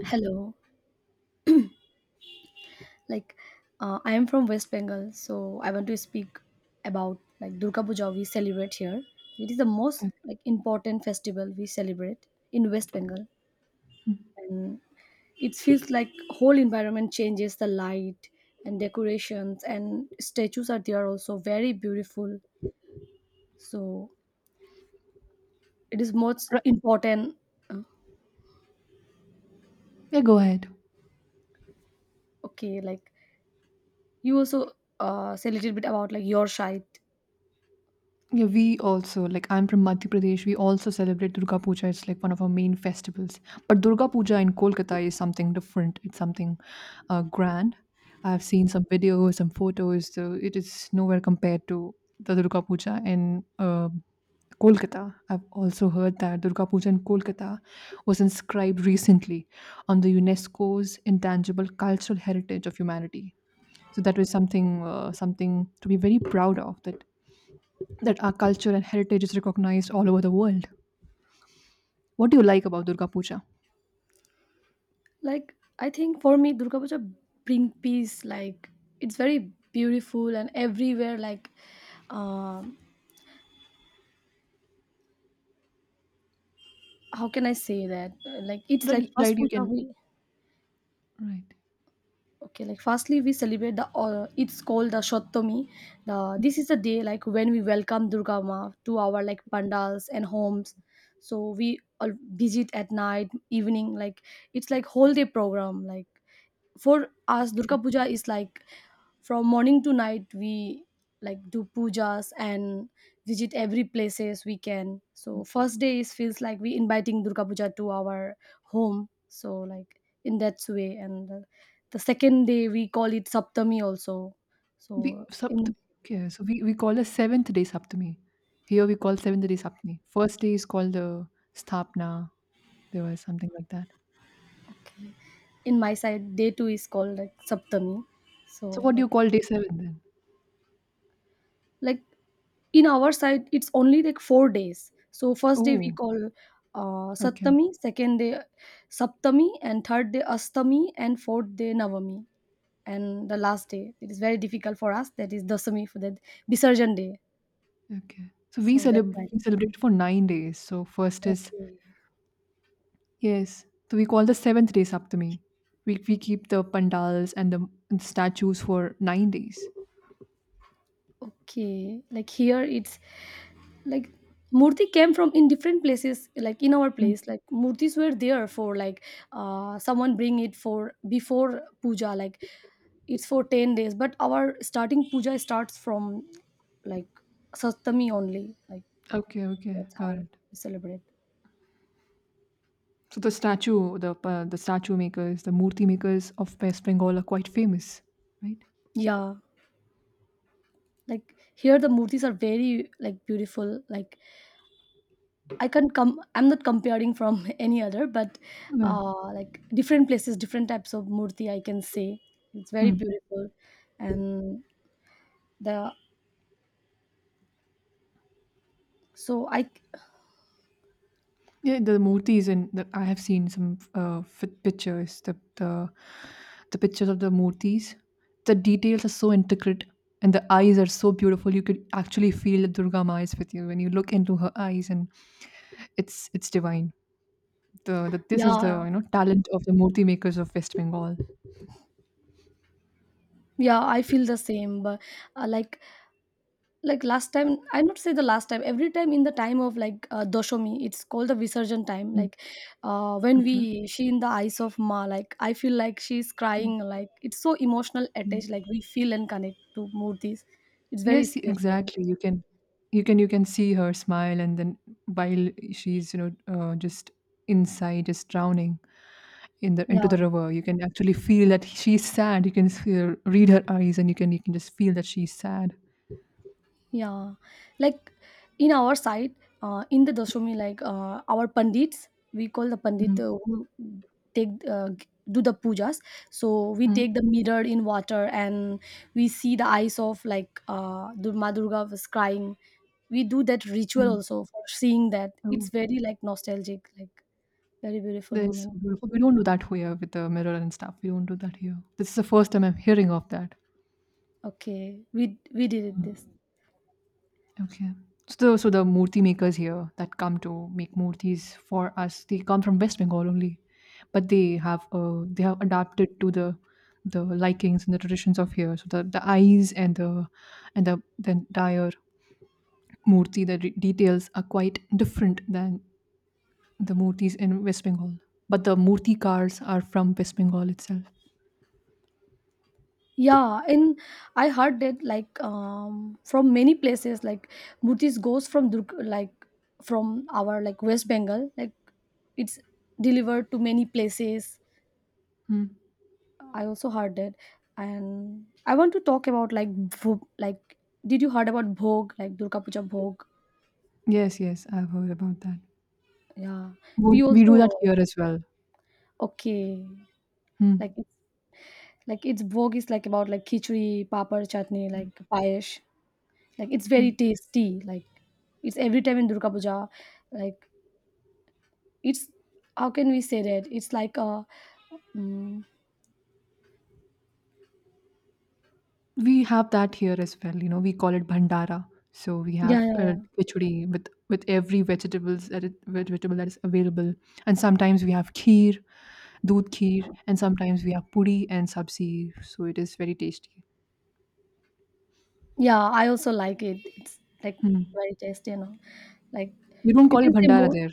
Hello, like I am from West Bengal, so I want to speak about like Durga Puja we celebrate here. It is the most Okay. like important festival we celebrate in West Bengal, Hmm. and it feels like whole environment changes the light and decorations and statues are there also very beautiful. So it is most Right. important. Uh, Yeah, go ahead. Okay, like you also say a little bit about like your side. Yeah, we also, like, I'm from Madhya Pradesh. We also celebrate Durga Puja. It's like one of our main festivals. But Durga Puja in Kolkata is something different. It's something grand. I've seen some videos, some photos. So it is nowhere compared to the Durga Puja in Kolkata. I've also heard that Durga Puja in Kolkata was inscribed recently on the UNESCO's Intangible Cultural Heritage of Humanity. So that was something something to be very proud of, that our culture and heritage is recognized all over the world. What do you like about Durga Puja? Like I think for me Durga Puja bring peace, like it's very beautiful and everywhere like um how can I say that? Like it's like Right, first right, you puja can. we, Right. okay, like firstly we celebrate the it's called the shottomi. The This is the day like when we welcome Durga Ma to our like pandals and homes, so we all visit at night, evening, like it's like whole day program, like for us Durga Puja is like from morning to night we like do pujas and visit every places we can. So first day is feels like we inviting Durga Puja to our home, so like in that way. And the second day we call it saptami also, we so Saptami, in, okay, so we call a seventh day Saptami. Here we call okay, seventh day Saptami. First day is called the Sthapna. There was something like that. okay, in my side day two is called like saptami, so So what do you like call day 7 then? like in our side it's only like 4 days. So first day we Oh, call okay, Sattami, second day Saptami, and third day Astami, and fourth day Navami, and the last day it is very difficult for us. That is Dasami, for that Visarjan day. okay. So we So that celebrate kind. we celebrate for 9 days. So first is. Okay, Yes, so we call the seventh day Saptami. We keep the pandals and the statues for 9 days. okay. Like here, it's like murti came from in different places, like in our Mm. place like murtis were there for like someone bring it for before puja, like it's for 10 days, but our starting puja starts from like Saptami only, like Okay, okay, that's got how it. we celebrate. So the statue makers, the murti makers of West Bengal are quite famous, right? Yeah, like here the murtis are very like beautiful, like I can't come, I'm not comparing from any other, but Well, like different places, different types of murti, I can say it's very hmm. beautiful, and the, so I, Yeah, the murtis in that I have seen some fit pictures. The pictures of the murtis. The details are so intricate, and the eyes are so beautiful. You could actually feel that Durga Ma is with you when you look into her eyes, and it's divine. The this is yeah, the talent of the murti makers of West Bengal. yeah, I feel the same. But uh, like like last time, I not say the last time. Every time in the time of like Doshami, it's called the Visarjan time. Mm, Like when okay. we she in the eyes of Ma, like I feel like she's crying. Like it's so emotional attached, like we feel and connect to murtis. It's very Yes, special. exactly. You can see her smile, and then while she's, just inside just drowning in the into the Yeah, river, you can actually feel that she's sad. You can feel, read her eyes, and you can just feel that she's sad. yeah. Like in our side, in the Dashami, like our pandits, we call the pandit Mm, the, who take do the pujas. So we mm, take the mirror in water and we see the eyes of like Ma Durga was crying. We do that ritual mm. also for seeing that. Oh, It's very like nostalgic, like very beautiful that is so moment. beautiful. We don't do that here with the mirror and stuff. We don't do that here. This is the first time I'm hearing of that. Okay, we did it this. Okay. So the murti makers here that come to make murtis for us, they come from West Bengal only, but they have adapted to the likings and the traditions of here. So the eyes and the entire murti, details are quite different than the murtis in West Bengal. But the murti cars are from West Bengal itself. Yeah, and I heard that like from many places like Mutis goes from Durg- like from our like West Bengal, like it's delivered to many places. Hmm. I also heard that, and I want to talk about like did you heard about Bhog, like Durga Puja Bhog? Yes, yes, I've heard about that. Yeah, we We do that also, here as well. okay, Hmm. like it's like it's Bhog is like about like khichdi, papar, chutney, Hmm. like payesh. Like it's Hmm. very tasty, like it's every time in Durga Puja, like it's, how can we say that, it's like a, mm We have that here as well. You know, we call it bhandara. So we have yeah, yeah, yeah. khichdi with every vegetables that vegetable that is available, and sometimes we have kheer, doodh kheer, and sometimes we have puri and sabzi. So it is very tasty. Yeah, I also like it, it's like Hmm. very tasty, you know. Like, You don't you call it can say bhandara more. there.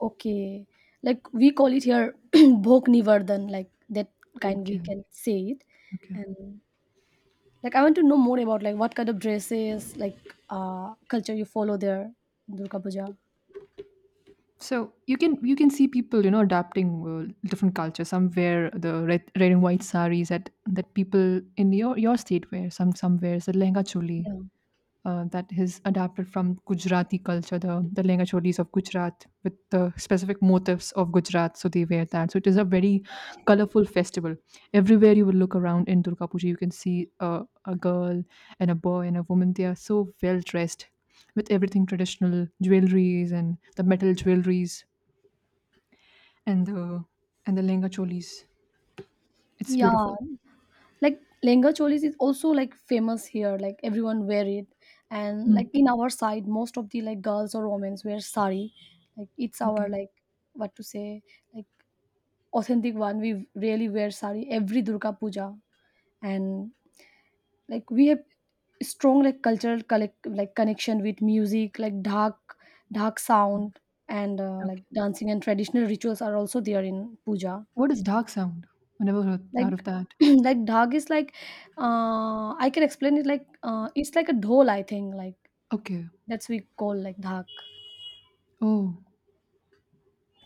Okay, like we call it here bhog nivardan, like that kind we Okay, can say it. okay. And like I want to know more about like what kind of dresses, like culture you follow there in Durga Puja. So you can see people adapting different cultures. Some wear the red, red and white saris that people in your state wear. Some wears the lehenga choli Yeah, that is adapted from Gujarati culture, the Lenga Cholis of Gujarat, with the specific motifs of Gujarat. So they wear that. So it is a very colorful festival. Everywhere you will look around in Durga Puja, you can see a girl and a boy and a woman. They are so well dressed with everything traditional jewelries and the metal jewelries and the Lenga Cholis. It's yeah, beautiful. like lehenga cholis is also like famous here, like everyone wear it. And Mm. like in our side most of the like girls or women wear sari, like it's Okay. our like what to say, like authentic one we really wear sari every Durga Puja. And like we have strong like cultural collect like connection with music like dhak sound and like Okay. dancing and traditional rituals are also there in puja. What is dark sound? I never heard out of Like that. like dhag is like I can explain it like it's like a dhol I think, like Okay. that's we call like dhak. Oh.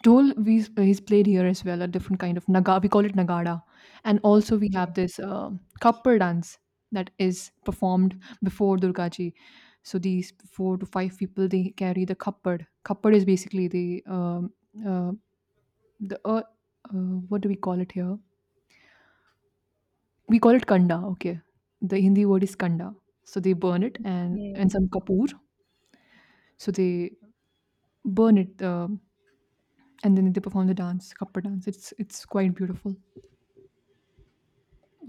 Dhol, we he's played here as well, a different kind of naga we call it nagada. And also we Okay, have this, kappal dance that is performed before Durga Ji. So these 4 to 5 people, they carry the kappad. Kappad is basically uh, the, uh, what do we call it here? We call it kanda, okay. The Hindi word is kanda. So they burn it, and okay, some kapoor. So they burn it, and then they perform the dance, kappad dance. It's quite beautiful.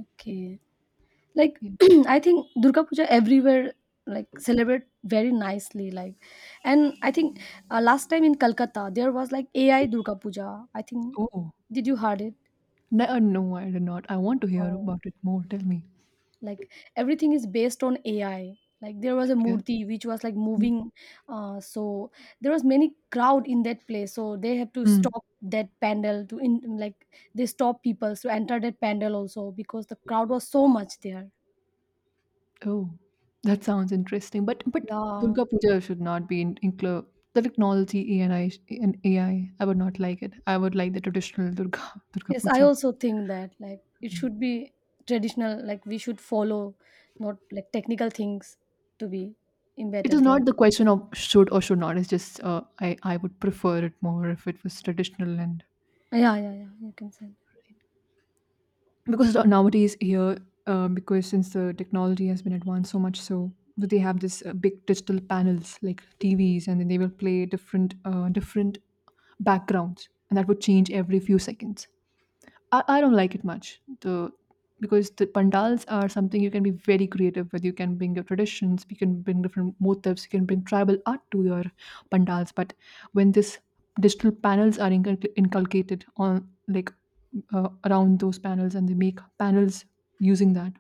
okay. Like Yeah. I think Durga Puja everywhere like celebrate very nicely, like, and I think last time in Calcutta there was like AI Durga Puja, I think, Oh. did you heard No, no, I did not. I want to it? hear about it more. Tell me. Like everything is based on AI, like there was a Okay. murti which was like Mm. moving. So there was many crowd in that place, so they have to Mm. stop that panel to in, like they stop people to enter that panel also because the crowd was so much there. Oh, that sounds interesting. But, Yeah. Durga Puja should not be include the technology AI, and AI. I would not like it. I would like the traditional Durga Durga Yes, I Puja. also think that like it should be traditional, like we should follow, not like technical things to be It is embedded there. not the question of should or should not. It's just I would prefer it more if it was traditional, and Yeah, yeah, yeah, you can say that. because nowadays here, because since the technology has been advanced so much, so they have this big digital panels like TVs, and then they will play different backgrounds and that would change every few seconds. I don't like it much. The Because the pandals are something you can be very creative with. You can bring your traditions, you can bring different motifs, you can bring tribal art to your pandals. But when this digital panels are inculcated on, like, around those panels and they make panels using that,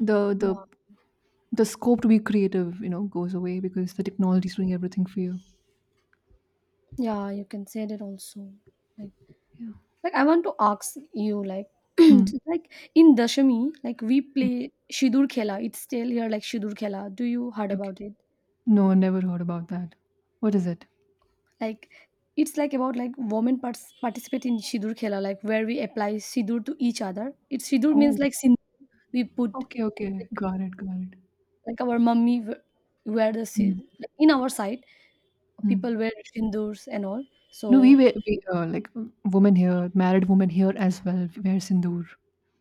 the Yeah, the the scope to be creative, you know, goes away because the technology is doing everything for you. yeah, you can say that also. like Yeah. like I want to ask you like Hmm. just like in dashami, like we Hmm. play shidur khela, it's still here, like shidur khela, do you heard Okay. about it? No, I never heard about that. What is it? Like it's like about like women participate in shidur khela, like where we apply sidur to each other. It's sidur means Oh. like we put, Okay, okay. like, Got it, got it. like our mummy w- wear the Mm, like, in our side people mm. wear sindurs and all, No, we so, were we, like w- women here, married women here as well wear sindoor.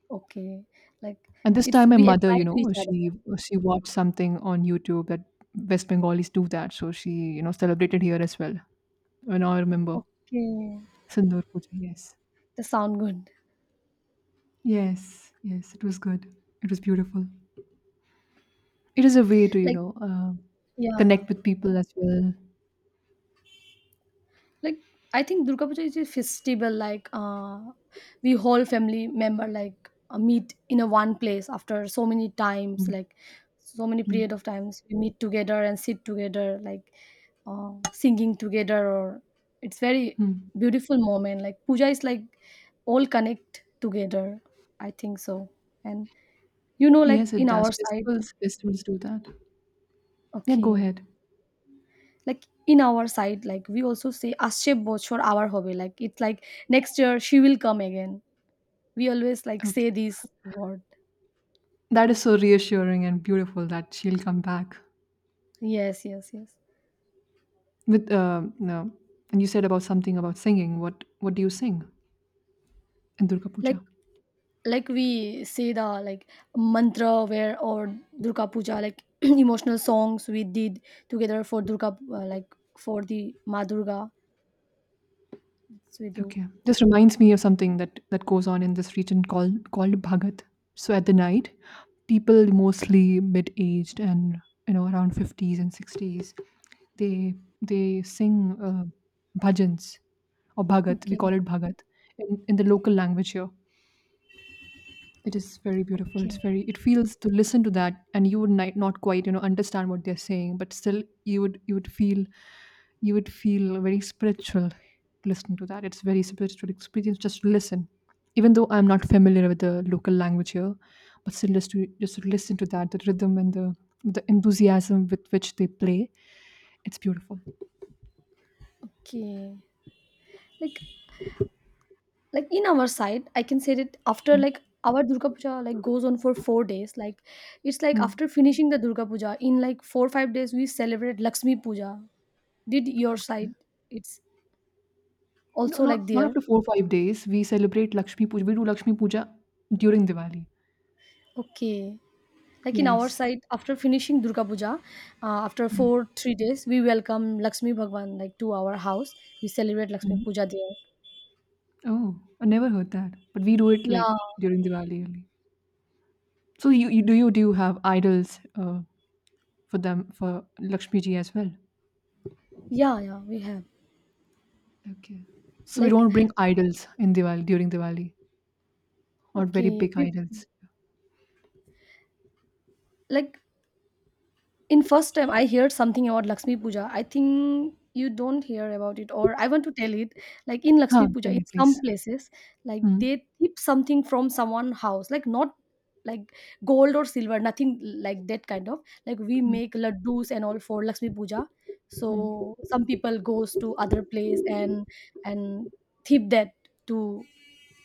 okay, like And this it's time my we mother, apply to each other. she watched something on YouTube that West Bengalis do that, so she celebrated here as well. And now I remember Okay, sindoor puja. Yes, that sound good. yes, yes. It was good. It was beautiful. It is a way to Like yeah, yeah. connect with people as well. Like I think Durga Puja is a festival. Like we whole family member like meet in a one place after so many times, Mm, like so many period mm, of times we meet together and sit together, like singing together. Or it's very mm. beautiful moment. Like puja is like all connect together, I think so. And you know, like Yes, it in does. our side, Festivals do that. Yeah, go okay, ahead. like in our side like we also say asche bochhor our hobe, like it's like next year she will come again, we always like say Okay. this word. That is so reassuring and beautiful that she'll come back Yes, yes, yes. with no. And you said about something about singing. What do you sing in Durga like Puja? like we say the like mantra where or Durga Puja like emotional songs we did together for Durga, like for the Ma Durga, so we do. Okay, this reminds me of something that goes on in this region called Bhagat. So at the night, people mostly mid aged and around fifties and sixties, they they sing bhajans or Bhagat. We call Okay, it Bhagat in the local language here. It is very beautiful. It's okay, very. It feels to listen to that, and you would not quite, understand what they're saying, but still, you would you would feel, you would feel very spiritual listening to that. It's very spiritual experience. Just to listen, even though I'm not familiar with the local language here, but still, just to listen to that, the rhythm and the enthusiasm with which they play, it's beautiful. okay. like like in our side I can say that after Mm, like our Durga Puja like goes on for 4 days, like it's like after mm. finishing the Durga Puja in like 4 or 5 days we celebrate Lakshmi Puja, did your side, Okay. it's No, also like not there. after 4 or 5 days. We celebrate Lakshmi Puja. We do Lakshmi Puja during Diwali. Okay, like in our Yes. side after finishing Durga Puja after 4 3 days we welcome Lakshmi Bhagwan like to our house, we celebrate Lakshmi Mhm. Puja there. Oh, I never heard that. But we do it like Yeah, during Diwali only. So you do you do you have idols for them, for Lakshmi ji as well? yeah, yeah, we have, Okay. So we like, don't bring idols in Diwali during Diwali, not very okay, big we idols. like in first time I heard something about Lakshmi Puja, I think you don't hear about it or I want to tell it. Like in Huh, Lakshmi Puja tell me in some please. places like Hmm. they tip something from someone house, like not like gold or silver, nothing like that kind of, like we Hmm. make laddus and all for Lakshmi Puja, so Hmm. some people goes to other place and tip that to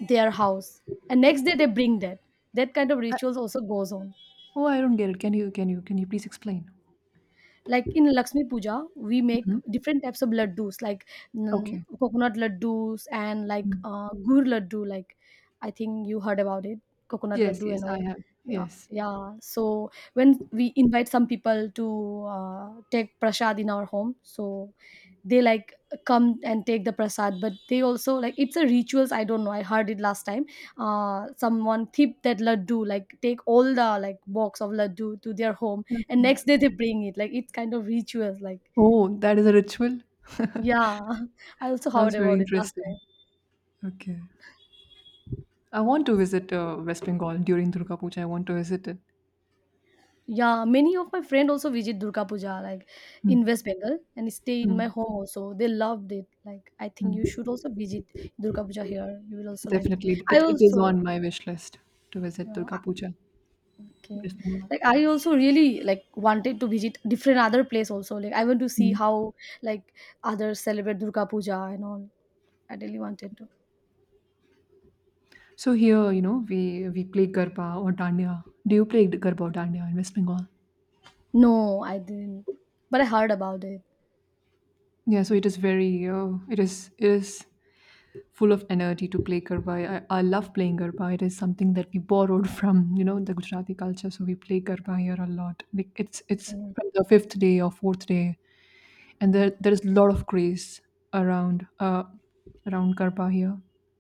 their house, and next day they bring that, that kind of I, rituals also goes on. oh, I don't get it. Can you please explain? Like in Lakshmi Puja we make Mhm. different types of laddus like Okay. coconut laddus and like Hmm. Gur laddu, like I think you heard about it, coconut Yes, laddu yes, and I all. have. Yeah, Yes. yeah, so when we invite some people to take prasad in our home, so they like come and take the prasad, but they also like it's a rituals, I don't know, I heard it last time, someone tip that laddu, like take all the like box of laddu to their home and Okay. next day they bring it, like it's kind of rituals like. Oh, that is a ritual. Yeah, I also Sounds heard very about it last time. interesting. Okay. I want to visit West Bengal during Durga Puja. I want to visit it. Yeah, many of my friends also visit Durga Puja, like in Hmm. West Bengal, and stay in Hmm. my home also, they loved it, like I think you Hmm. should also visit Durga Puja here, you will also like it, Definitely, I it is also on my wish list to visit Durga uh, Puja, okay, West Bengal. like I also really like wanted to visit different other place also, like I want to see Hmm. how like others celebrate Durga Puja and all, I really wanted to. So here, we play garba or dandiya. Do you play garba or dandiya in West Bengal? No, I didn't, but I heard about it. Yeah, so it is very it is full of energy to play garba. I love playing garba. It is something that we borrowed from the Gujarati culture. So we play garba here a lot. Like it's Mm. from the fifth day or fourth day, and there is a lot of craze around uh, around Garba here,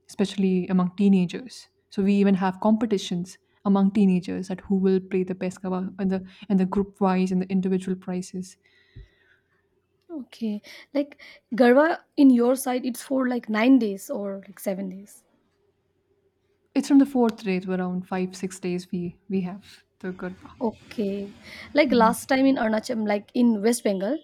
especially among teenagers. So we even have competitions among teenagers at who will play the best Garba, and the group wise and the individual prizes. Okay. Like Garwa in your side it's for like 9 days or like 7 days. It's from the fourth day to around 5 6 days we have the Garba. Okay. Like Yeah. last time in Arunachal like in West Bengal.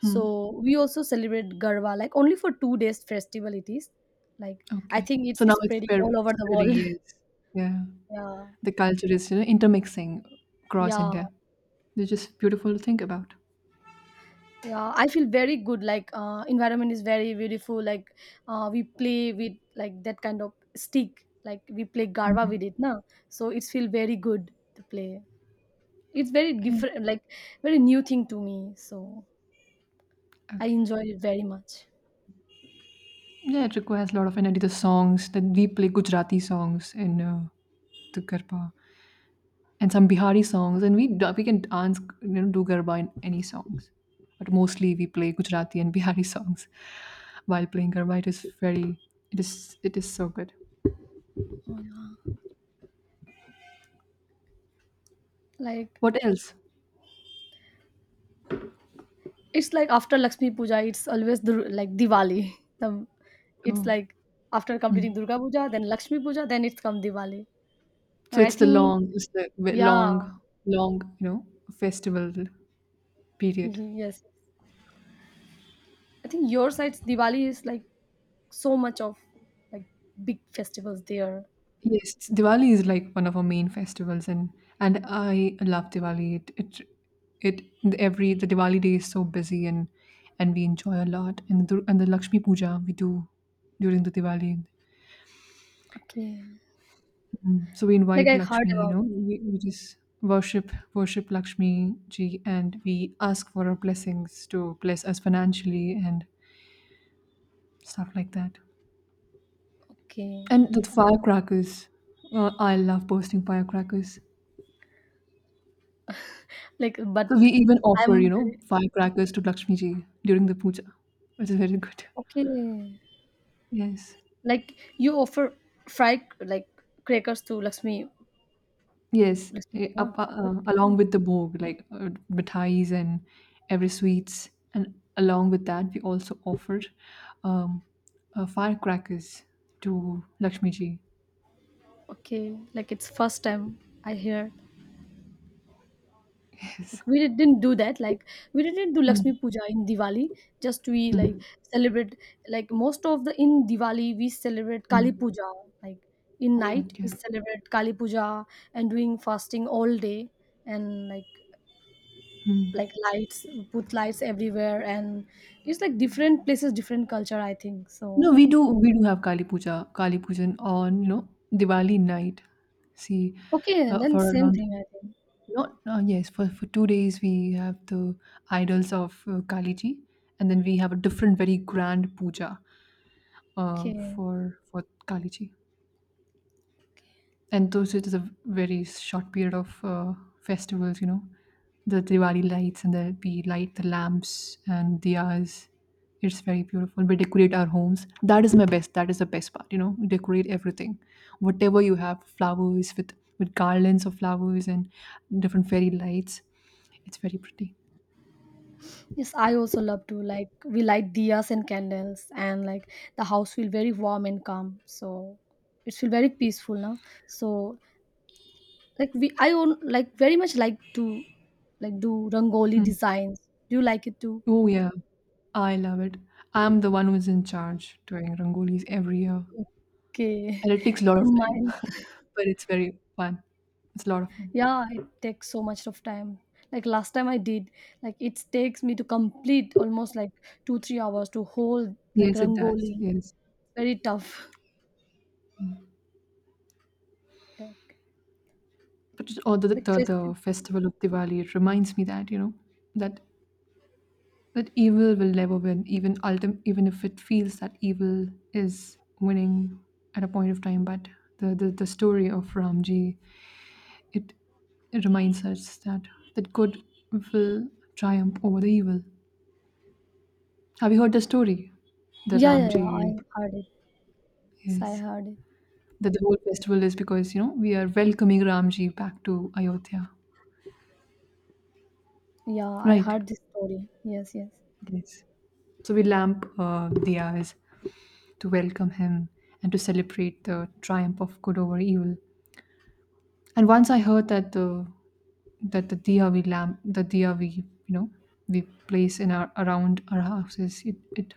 Hmm. So we also celebrate Garwa like only for 2 days festival it is. Like I Okay. think it's So now it's spreading all over the spreading. world. Yes. Yeah. Yeah. The culture is intermixing across Yeah. India. They're just beautiful to think about. Yeah. I feel very good. Like environment is very beautiful. Like we play with like that kind of stick. Like we play Garwa with it, na. So it's feel very good to play. It's very Yeah. different, like very new thing to me, so I Okay. enjoyed it very much. Yeah, it requires a lot of energy. The songs that we play Gujarati songs in the garba and some Bihari songs, and we can dance, do garba in any songs. But mostly we play Gujarati and Bihari songs while playing garba. It is it is so good. Oh, yeah. Like What else? it's like after Lakshmi Puja it's always like Diwali the, it's Oh, like after completing hmm. Durga Puja then Lakshmi Puja then it's come Diwali. so Like I it's the think, long, it's the ve- yeah. long, Long, you know, festival period. Mhm, yes. I think your side's Diwali is like so much of, like, big festivals there. Yes, Diwali is like one of our main festivals, and I love Diwali. It every the Diwali day is so busy, and we enjoy a lot. And the Lakshmi Puja we do during the Diwali. Okay, So we like invite I heard Lakshmi. You about know, it. we just worship Lakshmi ji, and we ask for her blessings to bless us financially and stuff like that. Okay. And the firecrackers, I love posting firecrackers. Like but So we even offer, you I'm know, very firecrackers to Lakshmi Ji during the puja, which is very good. okay. Yes. Like you offer fried, like, crackers to Lakshmi, Yes, Lakshmi Bhagwan. Okay. along with the bhog, like mithais and every sweets, and along with that, we also offered um, firecrackers to Lakshmi Ji. Okay. Like it's first time I hear. Yes. Like we didn't do that. Like we didn't do Mm, Lakshmi Puja in Diwali. Just we, like, mm, celebrate, like, most of the in Diwali we celebrate Kali mm. Puja. Like in night Okay. we celebrate Kali Puja and doing fasting all day and like Mm. like lights, put lights everywhere, and it's like different places different culture, I think No, so. we do have Kali Puja, Kali Pujan on, you know, Diwali night. See, Okay, then for same around thing, I think. Not yes, for 2 days we have the idols of Kaliji, and then we have a different, very grand puja uh, Okay. for for Kaliji, and those, it is a very short period of festivals, you know, the Diwali lights, and the we light the lamps and diyas. It's very beautiful. We decorate our homes. That is my best, that is the best part, you know, we decorate everything, whatever you have, flowers with garlands of flowers and different fairy lights. It's very pretty. Yes, I also love to, like, we light diyas and candles, and like the house feel very warm and calm. So it feel very peaceful now. So like we, I own, like, very much like to, like, do rangoli Hmm. designs. Do you like it too? Oh, yeah, I love it. I'm the one who's in charge doing rangolis every year, Okay. and it takes a lot of In time, mine. but it's very fun. It's a lot of fun. Yeah, it takes so much of time. Like last time I did, like it takes me to complete almost like two, 3 hours to hold, like, Yes, it does. rangoli. Yes, Very tough. Like, but just- or the, Like the the festive. festival of Diwali, it reminds me that, you know, that that evil will never win, even ultim- even if it feels that evil is winning at a point of time. But the story of Ramji, it it reminds us that that good will triumph over the evil. Have you heard the story? The Yeah, yeah, yeah, I Ramji, heard it. Yes, I yes. heard it. That the whole festival is because, you know, we are welcoming Ramji back to Ayodhya, Yeah, I right? heard this story. Yes, yes. Yes. So we lamp diyas to welcome him and to celebrate the triumph of good over evil. And once I heard that the diya we lamp, the diya we, you know, we place in our around our houses, it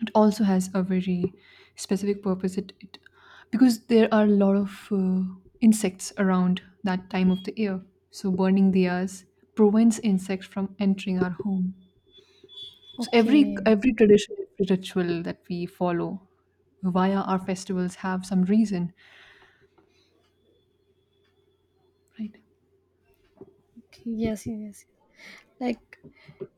it also has a very specific purpose. It because there are a lot of insects around that time of the year, so burning diyas prevents insects from entering our home. So Okay. every tradition, every ritual that we follow via our festivals have some reason, right? Okay. Yes, yes, yes. Like,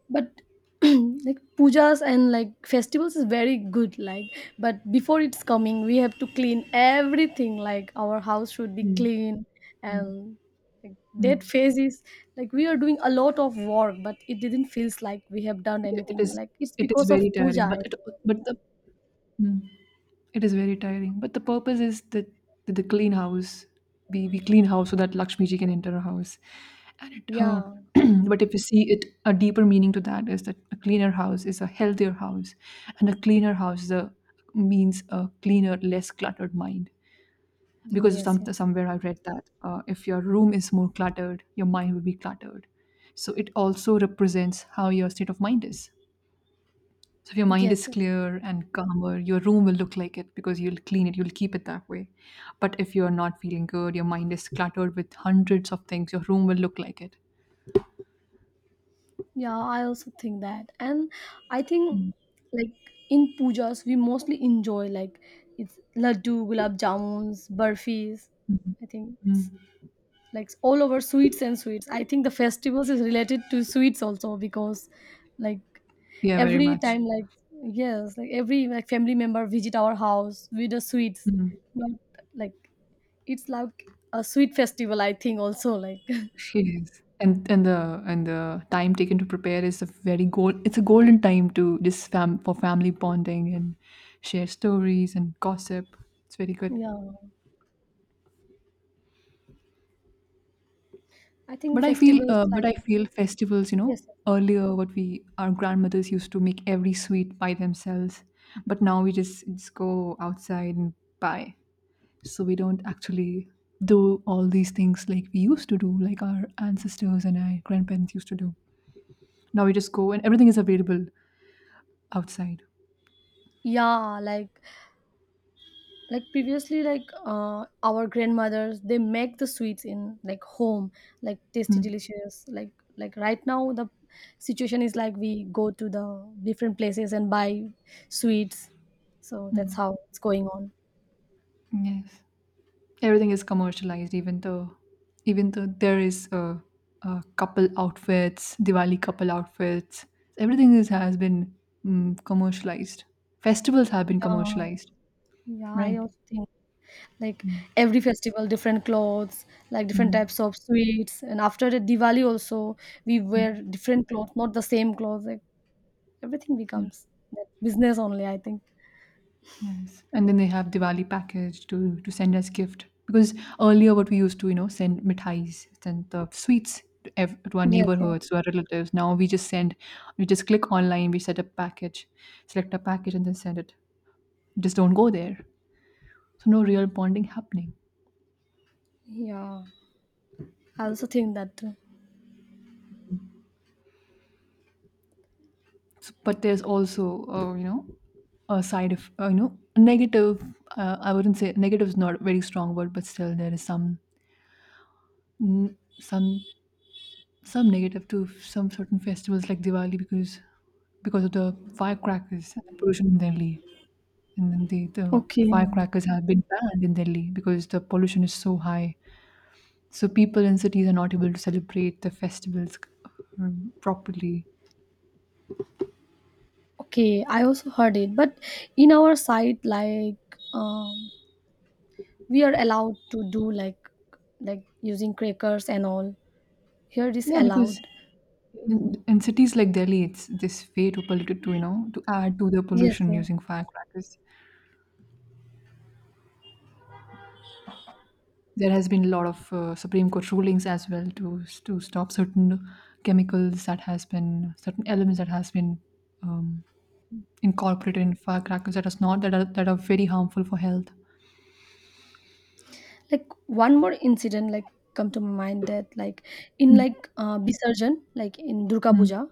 but like pujas and like festivals is very good. Like, but before it's coming, we have to clean everything. Like, our house should be Mm. clean and, like, that Mm. phase is, like, we are doing a lot of work, but it didn't feels like we have done Yeah, it anything. is Like it's it is because of very puja, tiring, I but think. it but the Mm. It is very tiring, but the purpose is that that the clean house. We clean house so that Lakshmi ji can enter our house, and it. Yeah. but if you see it, a deeper meaning to that is that a cleaner house is a healthier house, and a cleaner house is a, means a cleaner, less cluttered mind. Because Yes. some Yes. somewhere I read that if your room is more cluttered, your mind will be cluttered. So it also represents how your state of mind is. So if your mind Yes. is Yes. clear and calmer, your room will look like it because you'll clean it, you'll keep it that way. But if you're not feeling good, your mind is cluttered with hundreds of things, your room will look like it. Yeah, I also think that. And I think Mm, like in pujas we mostly enjoy like it's laddu, gulab jamuns, burfis. mhm, I think mm. it's like all over sweets and sweets. I think the festivals is related to sweets also because, like, Yeah, very every much. time like, yes, like every like family member visit our house with the sweets. Mm. Not like, it's like a sweet festival I think also like Yes. And the time taken to prepare is a very gold it's a golden time to just fam for family bonding and share stories and gossip. It's very good. yeah. I think But I feel, festivals uh, but like, I feel festivals. You know, yes. earlier what we our grandmothers used to make every sweet by themselves, but now we just go outside and buy. So we don't actually do all these things like we used to do, like our ancestors and our grandparents used to do. Now we just go and everything is available outside. Yeah, like previously, like our grandmothers they make the sweets in, like, home, like tasty, Mm. delicious. Like right now, the situation is like we go to the different places and buy sweets. So that's Mm. how it's going on. Yes. Everything is commercialized, even though there is a couple outfits, Diwali couple outfits, everything is, has been commercialized. Festivals have been Yeah, commercialized, yeah, I right? also think, like, Mm. every festival, different clothes, like different Mm, types of sweets, and after the Diwali also we wear mm. different clothes, not the same clothes. Like everything Yeah. becomes that business only, I think. Yes, and then they have Diwali package to send as gift because earlier what we used to, you know, send mithais, send the sweets to, to our Yes, yeah. neighborhoods, to our relatives. Now we just send, we just click online, we set a package select a package and then send it, just don't go there. So no real bonding happening. Yeah, I also think that too. So, but there's also you know, a side of you know, negative. I wouldn't say negative, is not a very strong word, but still there is some mm, some some negative to some certain festivals like Diwali because of the firecrackers and the pollution in Delhi. And then the Okay. firecrackers have been banned in Delhi because the pollution is so high. So people in cities are not able to celebrate the festivals properly. Okay, I also heard it. But in our site, like, um we are allowed to do, like using crackers and all. Here it is Yeah, allowed. because in cities like Delhi, it's this way to pollute, to, you know, to add to the Yes, pollution yeah. using firecrackers. There has been a lot of Supreme Court rulings as well to stop certain chemicals that has been, certain elements that has been um, incorporated in firecrackers that is not that are that are very harmful for health. Like one more incident like come to my mind, that like in Mm, like Bisarjan, like in Durga mm, Puja.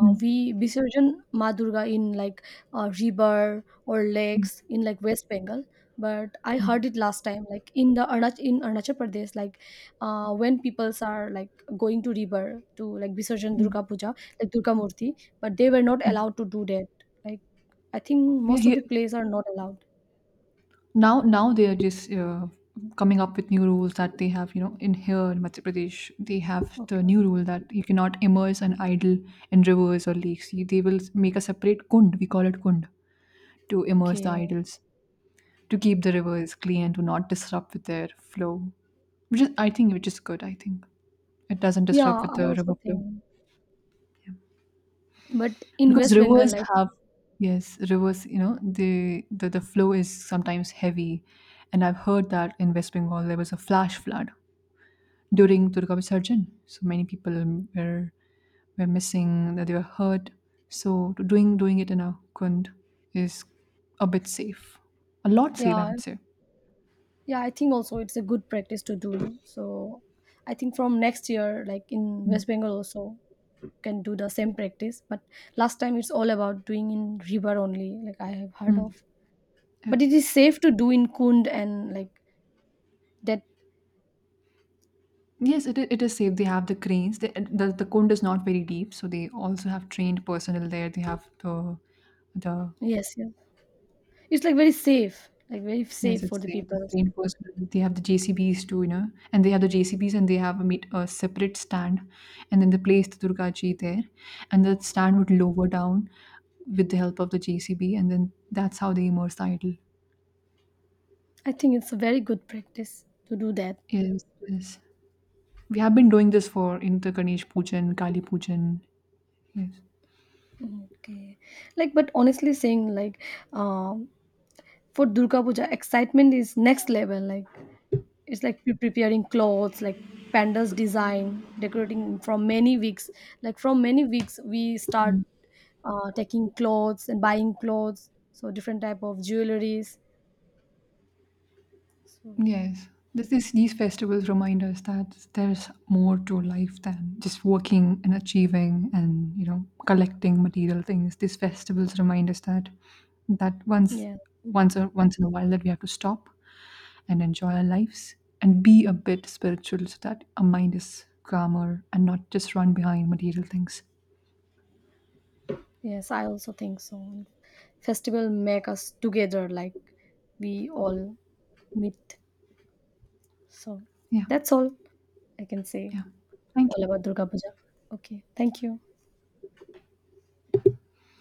mm, We Visarjan Ma Durga in like river or lakes in like West Bengal. But I heard mm, it last time, like in the in Arunachal Pradesh, like when peoples are like going to river to like Visarjan mm, Durga Puja, like Durga Murti, but they were not mm. allowed to do that. Like I think Yeah, most of here. the plays are not allowed. Now they are just coming up with new rules that they have, you know, in here in Madhya Pradesh, they have the Okay. new rule that you cannot immerse an idol in rivers or lakes. You- they will make a separate kund, we call it kund, to immerse the Okay. idols, to keep the rivers clean and to not disrupt with their flow. Which is, I think, which is good, I think. It doesn't disrupt Yeah, with I the also river flow. think. But in Because West Bengal, rivers like, have, yes, rivers, you know, the flow is sometimes heavy. And I've heard that in West Bengal there was a flash flood during Durga Visarjan. So many people were were missing, that they were hurt. So doing it in a kund is a bit safe, a lot safe, I yeah. would say. Yeah, I think also it's a good practice to do. No? So I think from next year, like in Mm. West Bengal also can do the same practice. But last time it's all about doing in river only, like I have heard Mm, of. But okay. it is safe to do in Kund and like that. Yes, it, it is safe. They have the cranes. They, the cone is not very deep, so they also have trained personnel there. They have the Yes, yeah. It's like very Yes, safe for it's the safe. It's people. reinforcement. They have the JCBs too, you know, and they have the JCBs and they have a, meet, a separate stand, and then they place the Durga Ji there, and that stand would lower down with the help of the JCB, and then that's how they immerse the idol. I think it's a very good practice to do that. Yes, yes. We have been doing this for in the Ganesh Pujan, Kali Pujan. Yes. Okay. Like, but honestly saying, like, um, for Durga Puja, excitement is next level. Like, it's like preparing clothes, like pandas design decorating from many weeks, like from many weeks we start taking clothes and buying clothes, so different type of jewelries, so Yes, this is, these festivals remind us that there's more to life than just working and achieving and, you know, collecting material things. These festivals remind us that that once yeah, once or once in a while that we have to stop and enjoy our lives and be a bit spiritual so that our mind is calmer and not just run behind material things. yes, I also think so. And festival make us together, like we all meet, so Yeah, that's all I can say yeah. Thank all you. about Durga Puja. Okay, thank you.